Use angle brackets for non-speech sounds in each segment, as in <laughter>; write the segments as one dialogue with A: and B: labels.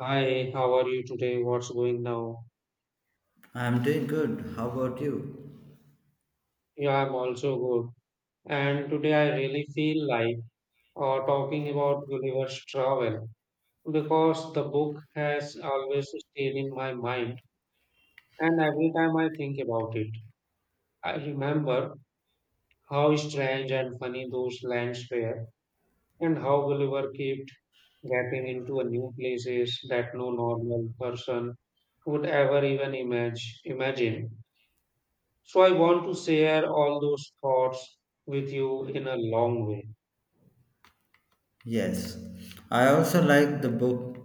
A: Hi, how are you today? What's going now?
B: I'm doing good. How about you?
A: Yeah, I'm also good. And today I really feel like talking about Gulliver's Travel because the book has always stayed in my mind, and every time I think about it, I remember how strange and funny those lands were, and how Gulliver kept getting into a new places that no normal person would ever even imagine. So I want to share all those thoughts with you in a long way.
B: Yes. I also like the book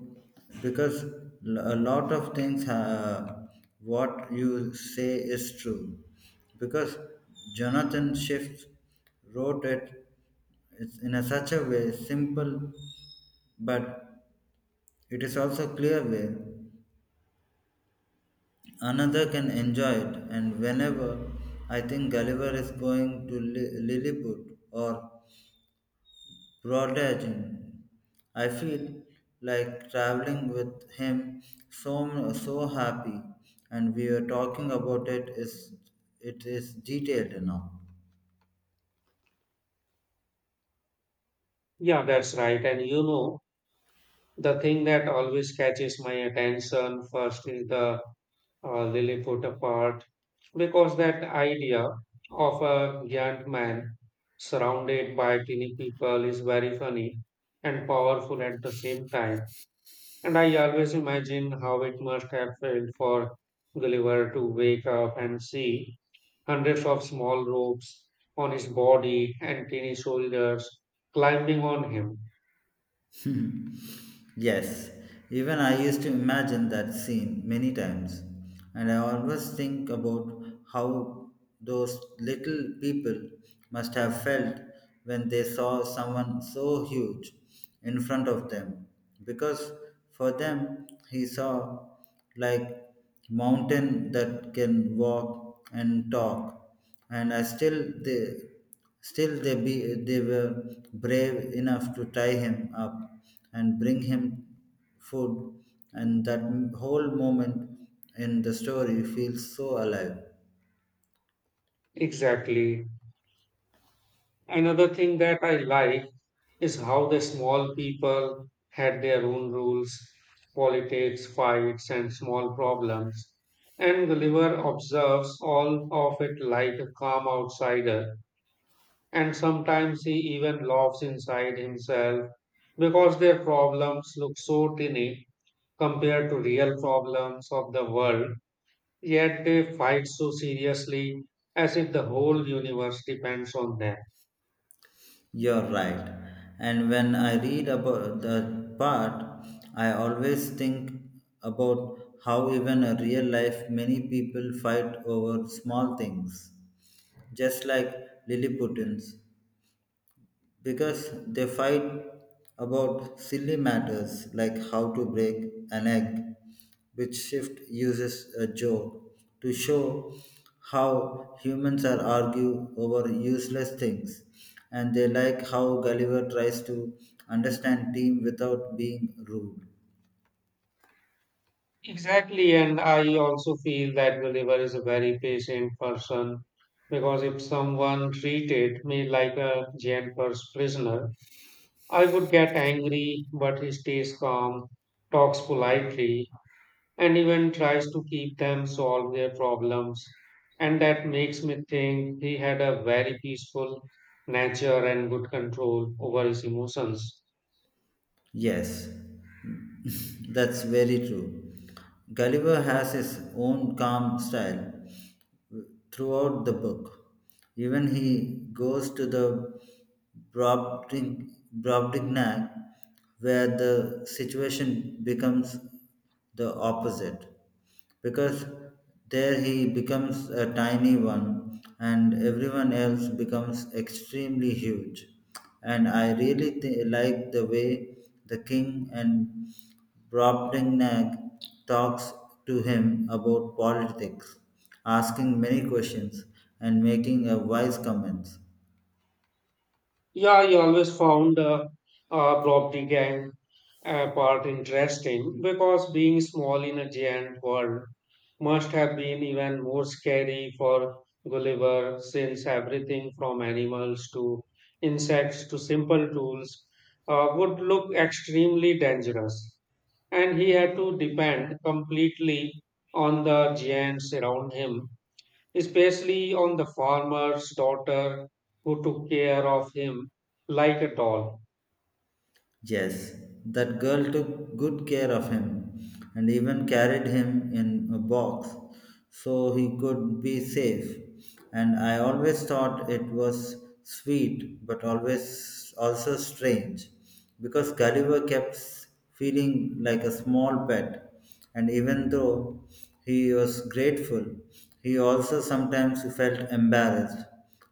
B: because a lot of things what you say is true. Because Jonathan Swift wrote it it's in a such a way simple but it is also clear way another can enjoy it. And whenever I think gulliver is going to lilliput or Rod Legend. I feel like traveling with him so happy and we are talking about it is detailed enough.
A: Yeah, that's right. And you know, the thing that always catches my attention first is the Lilliput part, because that idea of a giant man surrounded by teeny people is very funny and powerful at the same time. And I always imagine how it must have felt for Gulliver to wake up and see hundreds of small ropes on his body and tiny shoulders climbing on him.
B: <laughs> Yes, even I used to imagine that scene many times, and I always think about how those little people must have felt when they saw someone so huge in front of them, because for them he saw like mountain that can walk and talk, and I still there. Still, they, be, they were brave enough to tie him up and bring him food, and that whole moment in the story feels so alive.
A: Exactly. Another thing that I like is how the small people had their own rules, politics, fights, and small problems. And Gulliver observes all of it like a calm outsider. And sometimes he even laughs inside himself because their problems look so tiny compared to real problems of the world, yet they fight so seriously as if the whole universe depends on them.
B: You're right. And when I read about the part, I always think about how even in real life many people fight over small things just like Lilliputans because they fight about silly matters like how to break an egg, which Shift uses a joke to show how humans are argue over useless things, and they like how Gulliver tries to understand team without being rude.
A: Exactly, and I also feel that Gulliver is a very patient person because if someone treated me like a giant prisoner, I would get angry, but he stays calm, talks politely, and even tries to keep them solve their problems. And that makes me think he had a very peaceful nature and good control over his emotions.
B: Yes, <laughs> that's very true. Gulliver has his own calm style throughout the book. Even he goes to the Brobding- Brobdingnag, where the situation becomes the opposite, because there he becomes a tiny one, and everyone else becomes extremely huge. And I really like the way the king and Brobdingnag talks to him about politics, asking many questions and making a wise comments.
A: Yeah, I always found Blob the Gang part interesting because being small in a giant world must have been even more scary for Gulliver since everything from animals to insects to simple tools would look extremely dangerous. And he had to depend completely on the giants around him especially on the farmer's daughter who took care of him like a doll.
B: Yes, that girl took good care of him and even carried him in a box so he could be safe. And I always thought it was sweet but always also strange because Gulliver kept feeling like a small pet. And even though he was grateful, he also sometimes felt embarrassed.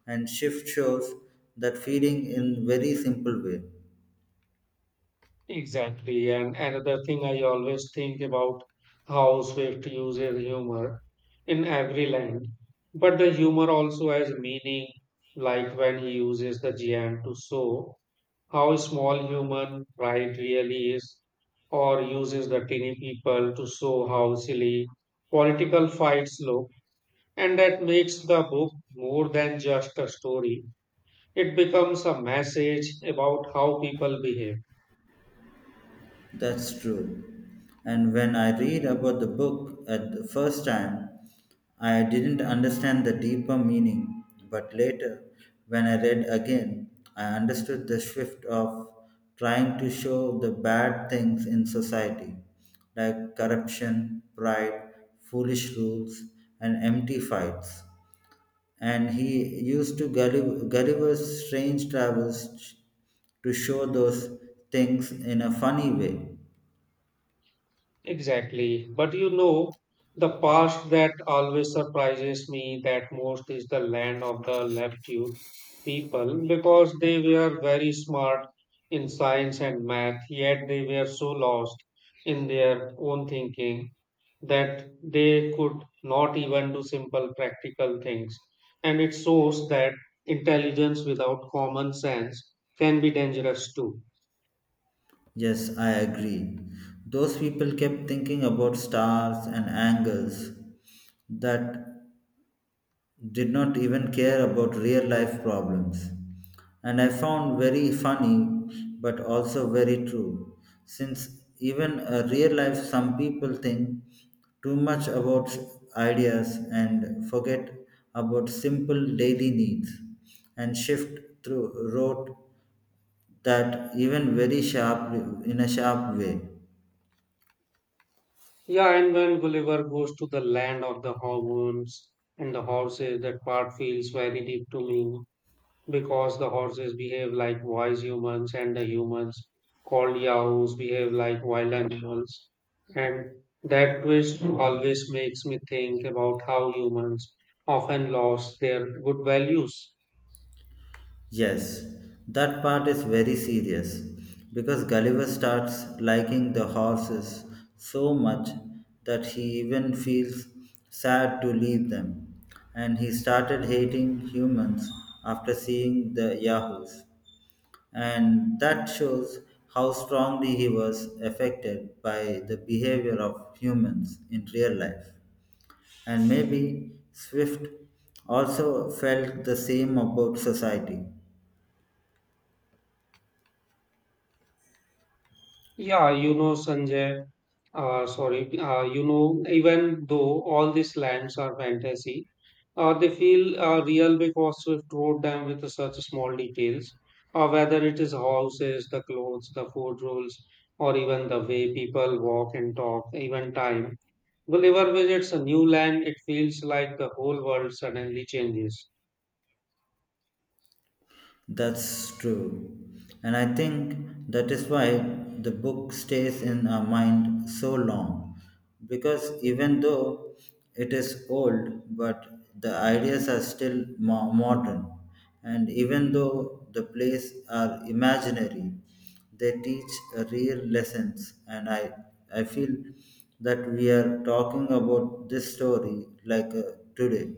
B: And Shift shows that feeling in very simple way.
A: Exactly. And another thing I always think about how Swift uses humor in every line. But the humor also has meaning, like when he uses the giant to show how small human pride really is, or uses the tiny people to show how silly political fights look. And that makes the book more than just a story. It becomes a message about how people behave.
B: That's true. And when I read about the book at the first time, I didn't understand the deeper meaning. But later, when I read again, I understood the shift of trying to show the bad things in society, like corruption, pride, foolish rules, and empty fights. And he used to Gulliver's strange travels to show those things in a funny way.
A: Exactly. But you know, the past that always surprises me that most is the land of the Leptune people because they were very smart in science and math, yet they were so lost in their own thinking that they could not even do simple practical things. And it shows that intelligence without common sense can be dangerous too.
B: Yes, I agree. Those people kept thinking about stars and angles that did not even care about real life problems. And I found very funny but also very true. Since even a real life some people think too much about ideas and forget about simple daily needs and shift through rote that even very sharp in a sharp way.
A: Yeah, and when Gulliver goes to the land of the hormones and the horses, that part feels very deep to me because the horses behave like wise humans and the humans called yahoos behave like wild animals. And that twist always makes me think about how humans often lost their good values.
B: Yes, that part is very serious because Gulliver starts liking the horses so much that he even feels sad to leave them, and he started hating humans after seeing the Yahoos. And that shows how strongly he was affected by the behavior of humans in real life. And maybe Swift also felt the same about society.
A: Yeah, you know, Sanjay, you know, even though all these lands are fantasy, they feel real because Swift wrote them with such small details, whether it is houses, the clothes, the food rules, or even the way people walk and talk, even time. Whenever visits a new land, it feels like the whole world suddenly changes.
B: That's true. And I think that is why the book stays in our mind so long. Because even though it is old, but the ideas are still modern. And even though the plays are imaginary, they teach a real lessons. And I feel that we are talking about this story like today.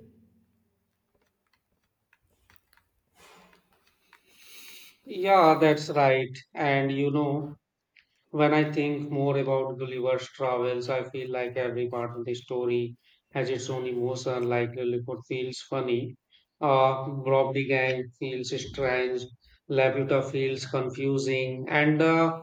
A: Yeah, that's right. And you know, when I think more about Gulliver's travels, I feel like every part of the story has its own emotion. Like Lilliput feels funny, Bob the Gang feels strange, Laputa feels confusing, and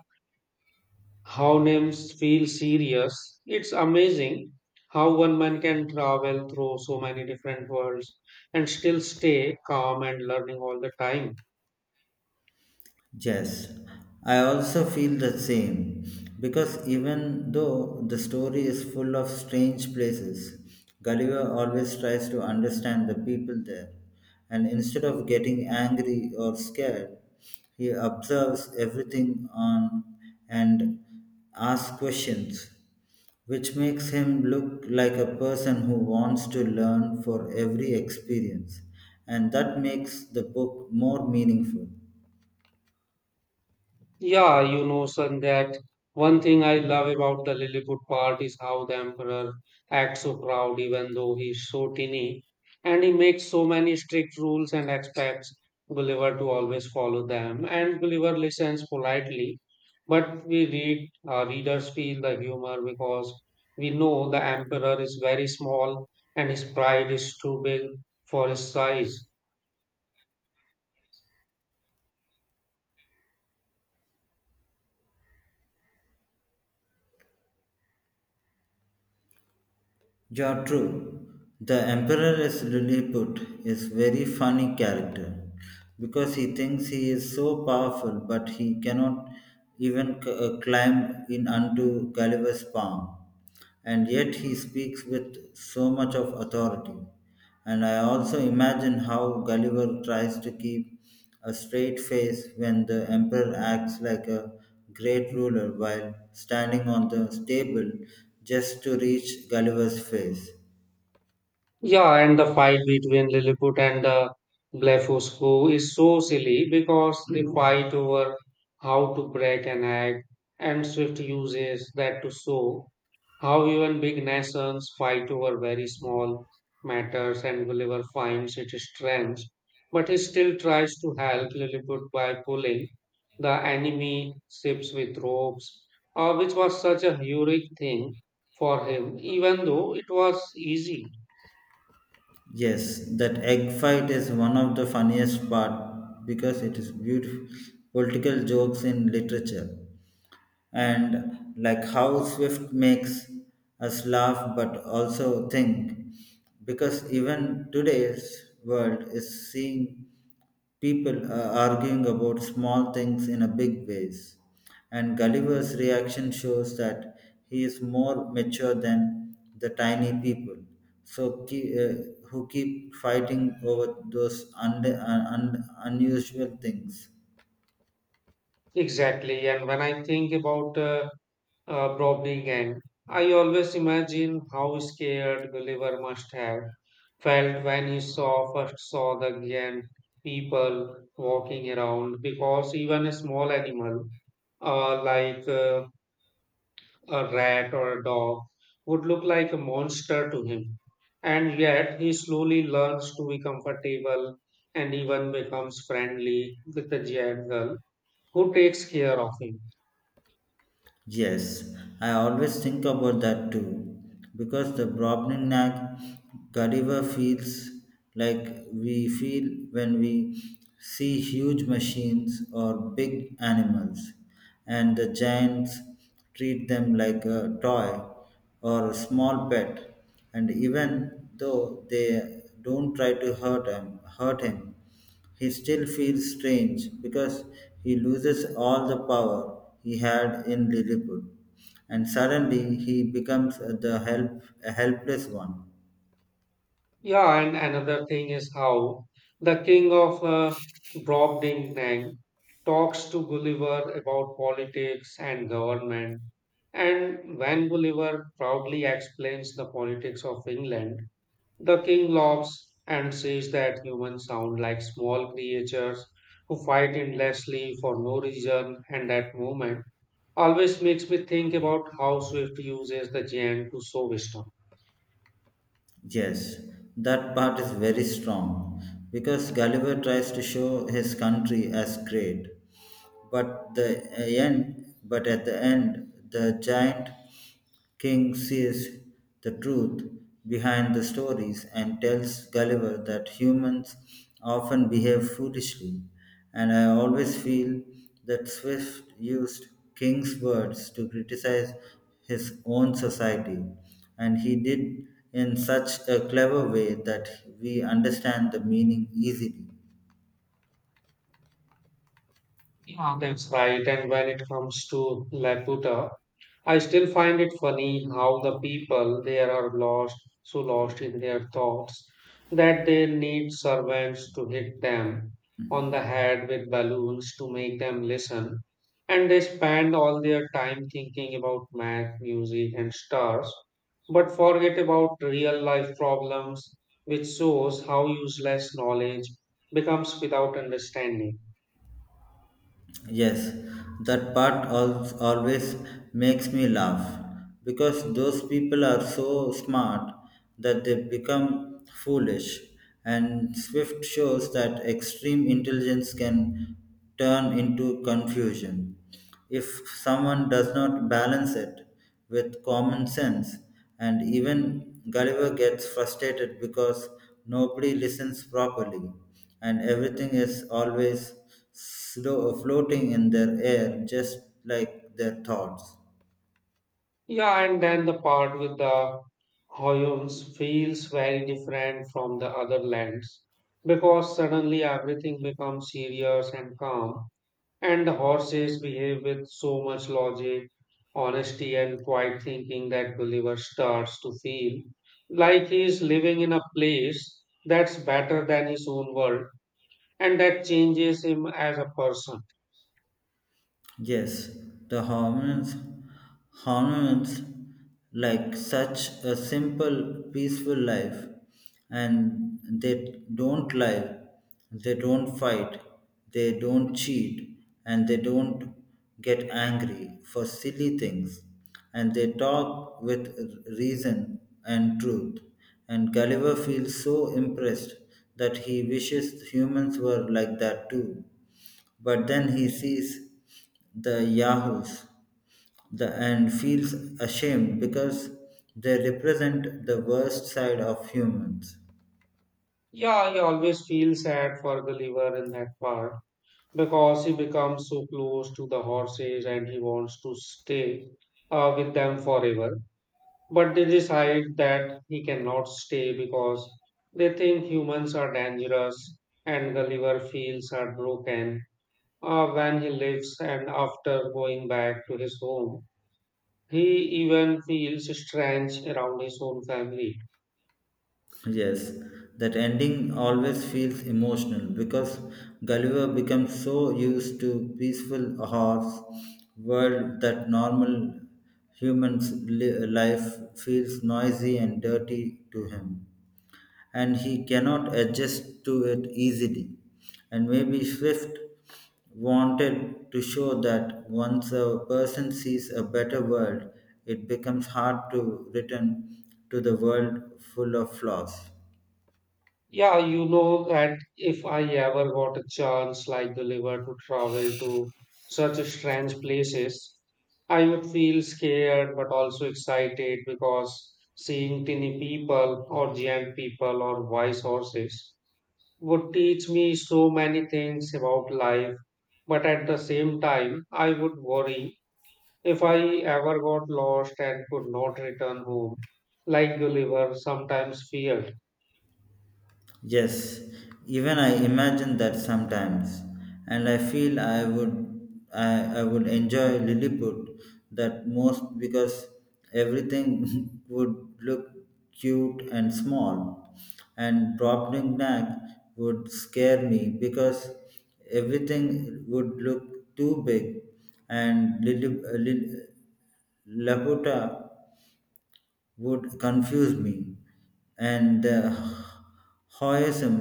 A: How Names feel serious. It's amazing how one man can travel through so many different worlds and still stay calm and learning all the time.
B: Yes, I also feel the same because even though the story is full of strange places, Gulliver always tries to understand the people there, and instead of getting angry or scared, he observes everything on and asks questions, which makes him look like a person who wants to learn for every experience, and that makes the book more meaningful.
A: Yeah, you know, son, that one thing I love about the Lilliput part is how the emperor acts so proud, even though he's so teeny, and he makes so many strict rules and expects Gulliver to always follow them. And Gulliver listens politely, but we readers feel the humor because we know the emperor is very small and his pride is too big for his size.
B: You are true. The Emperor is Lilliput is very funny character because he thinks he is so powerful but he cannot even climb in unto Gulliver's palm and yet he speaks with so much of authority. And I also imagine how Gulliver tries to keep a straight face when the emperor acts like a great ruler while standing on the table just to reach Gulliver's face.
A: Yeah, and the fight between Lilliput and Blefuscu is so silly because they fight over how to break an egg, and Swift uses that to show how even big nations fight over very small matters, and Gulliver finds it strange, but he still tries to help Lilliput by pulling the enemy ships with ropes, which was such a heroic thing for him, even though it was easy.
B: Yes, that egg fight is one of the funniest part because it is beautiful political jokes in literature and like how Swift makes us laugh but also think because even today's world is seeing people arguing about small things in a big ways and gulliver's reaction shows that he is more mature than the tiny people so keep, who keep fighting over those unusual things.
A: Exactly. And when I think about Brobdingnag, I always imagine how scared Gulliver must have felt when he saw first saw the giant people walking around because even a small animal like a rat or a dog would look like a monster to him. And yet he slowly learns to be comfortable and even becomes friendly with the giant girl who takes care of him.
B: Yes, I always think about that too, because the Brobningnak Godiva feels like we feel when we see huge machines or big animals, and the giants treat them like a toy or a small pet, and even though they don't try to hurt him he still feels strange because he loses all the power he had in Lilliput, and suddenly he becomes the help, a helpless one.
A: Yeah, and another thing is how the king of Brobdingnag talks to Gulliver about politics and government. And when Gulliver proudly explains the politics of England, the king laughs and says that humans sound like small creatures who fight endlessly for no reason. And that moment always makes me think about how Swift uses the giant to show wisdom.
B: Yes, that part is very strong because Gulliver tries to show his country as great, but but at the end, the giant King sees the truth behind the stories and tells Gulliver that humans often behave foolishly, and I always feel that Swift used King's words to criticize his own society, and he did in such a clever way that we understand the meaning easily.
A: Yeah, that's right. And when it comes to Laputa, I still find it funny how the people there are lost, so lost in their thoughts that they need servants to hit them on the head with balloons to make them listen. And they spend all their time thinking about math, music, and stars, but forget about real life problems, which shows how useless knowledge becomes without understanding.
B: Yes, that part always makes me laugh because those people are so smart that they become foolish. And Swift shows that extreme intelligence can turn into confusion. If someone does not balance it with common sense, and even Gulliver gets frustrated because nobody listens properly, and everything is always slow, floating in their air, just like their thoughts.
A: Yeah, and then the part with the Hoyons feels very different from the other lands because suddenly everything becomes serious and calm, and the horses behave with so much logic, honesty, and quiet thinking that Gulliver starts to feel like he is living in a place that's better than his own world and that changes him as a person.
B: Yes, the hormones, hormones like such a simple, peaceful life, and they don't lie, they don't fight, they don't cheat, and they don't get angry for silly things, and they talk with reason and truth. And Gulliver feels so impressed that he wishes humans were like that too. But then he sees the yahoos and feels ashamed because they represent the worst side of humans.
A: Yeah, I always feel sad for Gulliver in that part because he becomes so close to the horses and he wants to stay with them forever. But they decide that he cannot stay because they think humans are dangerous and Gulliver feels heartbroken when he leaves and after going back to his home. He even feels strange around his own family.
B: Yes, that ending always feels emotional because Gulliver becomes so used to peaceful horse world that normal humans life feels noisy and dirty to him. And he cannot adjust to it easily. And maybe Swift wanted to show that once a person sees a better world, it becomes hard to return to the world full of flaws.
A: Yeah, you know, and if I ever got a chance like the liver to travel to such strange places, I would feel scared but also excited because seeing tiny people or giant people or wise horses would teach me so many things about life. But at the same time, I would worry if I ever got lost and could not return home, like the liver sometimes feared.
B: Yes, even I imagine that sometimes, and I feel I would enjoy Lilliput that most because everything <laughs> would look cute and small, and dropping Nag would scare me because everything would look too big, and Lilliput. Laputa would confuse me, and the Taoism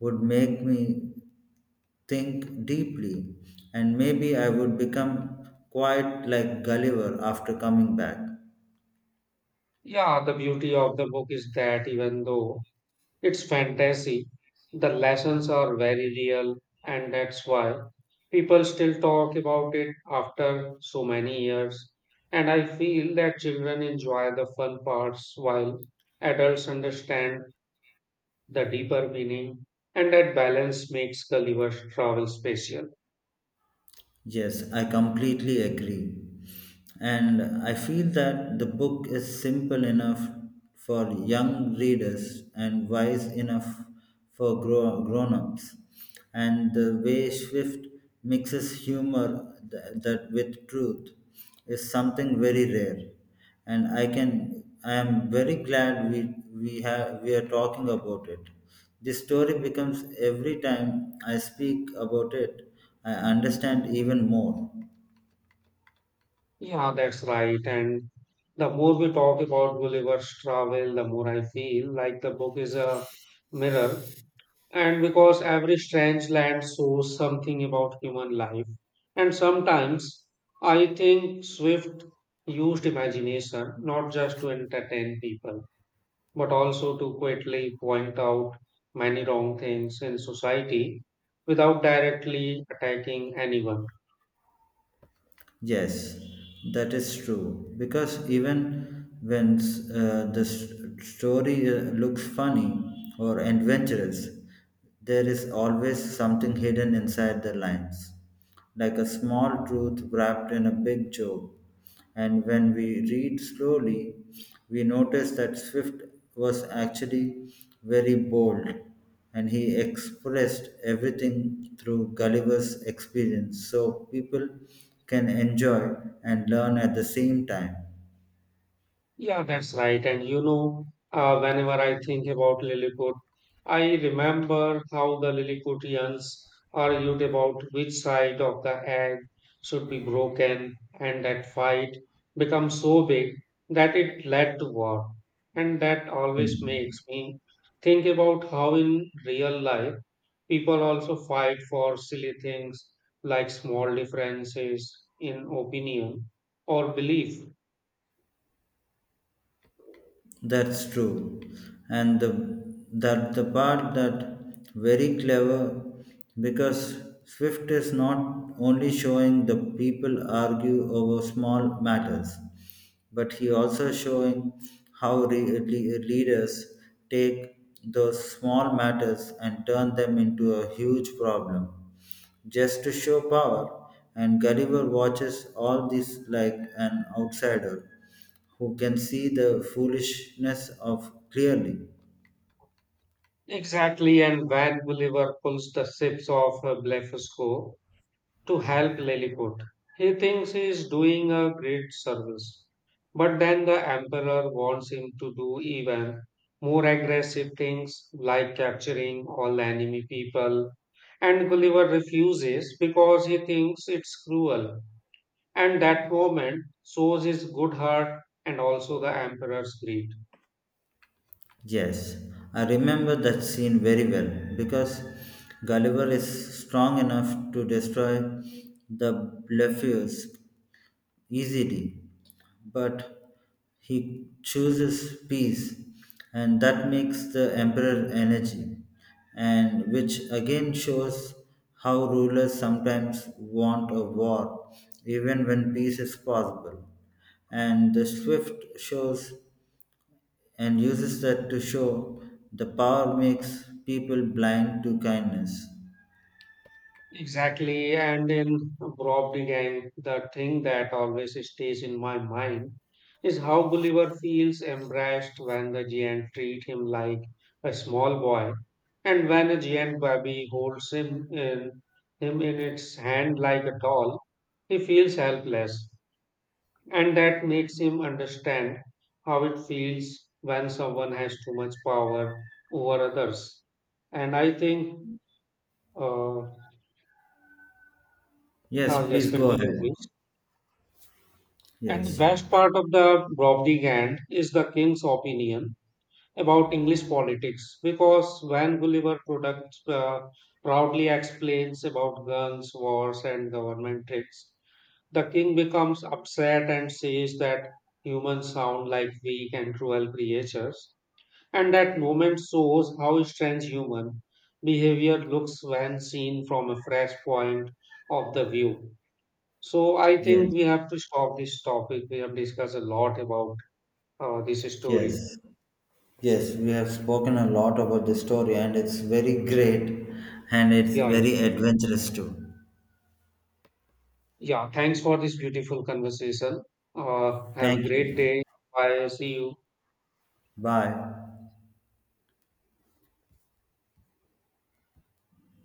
B: would make me think deeply, and maybe I would become quite like Gulliver after coming back.
A: Yeah, the beauty of the book is that even though it's fantasy, the lessons are very real, and that's why people still talk about it after so many years. And I feel that children enjoy the fun parts while adults understand the deeper meaning, and that balance makes Gulliver's Travel special.
B: Yes, I completely agree. And I feel that the book is simple enough for young readers and wise enough for grown-ups. And the way Swift mixes humor that with truth is something very rare and I am very glad we are talking about it. This story becomes every time I speak about it, I understand even more.
A: Yeah, that's right. And the more we talk about Gulliver's Travel, the more I feel like the book is a mirror. And because every strange land shows something about human life. And sometimes I think Swift used imagination not just to entertain people, but also to quickly point out many wrong things in society without directly attacking anyone.
B: Yes, that is true. Because even when story looks funny or adventurous, there is always something hidden inside the lines, like a small truth wrapped in a big joke. And when we read slowly, we notice that Swift was actually very bold and he expressed everything through Gulliver's experience so people can enjoy and learn at the same time.
A: Yeah, that's right. And you know, whenever I think about Lilliput, I remember how the Lilliputians argued about which side of the egg should be broken, and that fight became so big that it led to war. And that always makes
B: Mhm.
A: me think about how in real life people also fight for silly things like small differences in opinion or belief.
B: That's true. And the part that very clever because Swift is not only showing the people argue over small matters, but he also showing how leaders take those small matters and turn them into a huge problem just to show power. And Gulliver watches all this like an outsider who can see the foolishness of clearly.
A: Exactly, and Van Gulliver pulls the ships off Blefusco to help Lilliput. He thinks he is doing a great service, but then the Emperor wants him to do even more aggressive things like capturing all enemy people. And Gulliver refuses because he thinks it's cruel, and that moment shows his good heart and also the Emperor's greed.
B: Yes, I remember that scene very well because Gulliver is strong enough to destroy the Blefusc easily, but he chooses peace, and that makes the emperor energy, and which again shows how rulers sometimes want a war, even when peace is possible. And the swift shows and uses that to show the power makes people blind to kindness.
A: Exactly, and in Brobdingang, the thing that always stays in my mind is how Gulliver feels embraced when the giant treat him like a small boy, and when a giant baby holds him in its hand like a doll, he feels helpless, and that makes him understand how it feels when someone has too much power over others. And I think, uh,
B: Yes,
A: yes,
B: please go
A: continue,
B: ahead.
A: please. And the
B: Yes,
A: best part of the Brobdignant is the king's opinion about English politics, because when Gulliver proudly explains about guns, wars, and government tricks, the king becomes upset and says that humans sound like weak and cruel creatures, and that moment shows how strange human behavior looks when seen from a fresh point of the view. So I think
B: yes,
A: we have to stop this topic. We have discussed a lot about this story.
B: yes. Yes, we have spoken a lot about this story, and it's very great and it's
A: Yeah, yeah.
B: very adventurous too.
A: Yeah, thanks for this beautiful conversation. Have a
B: Thank
A: great
B: you.
A: day. Bye. See you.
B: Bye.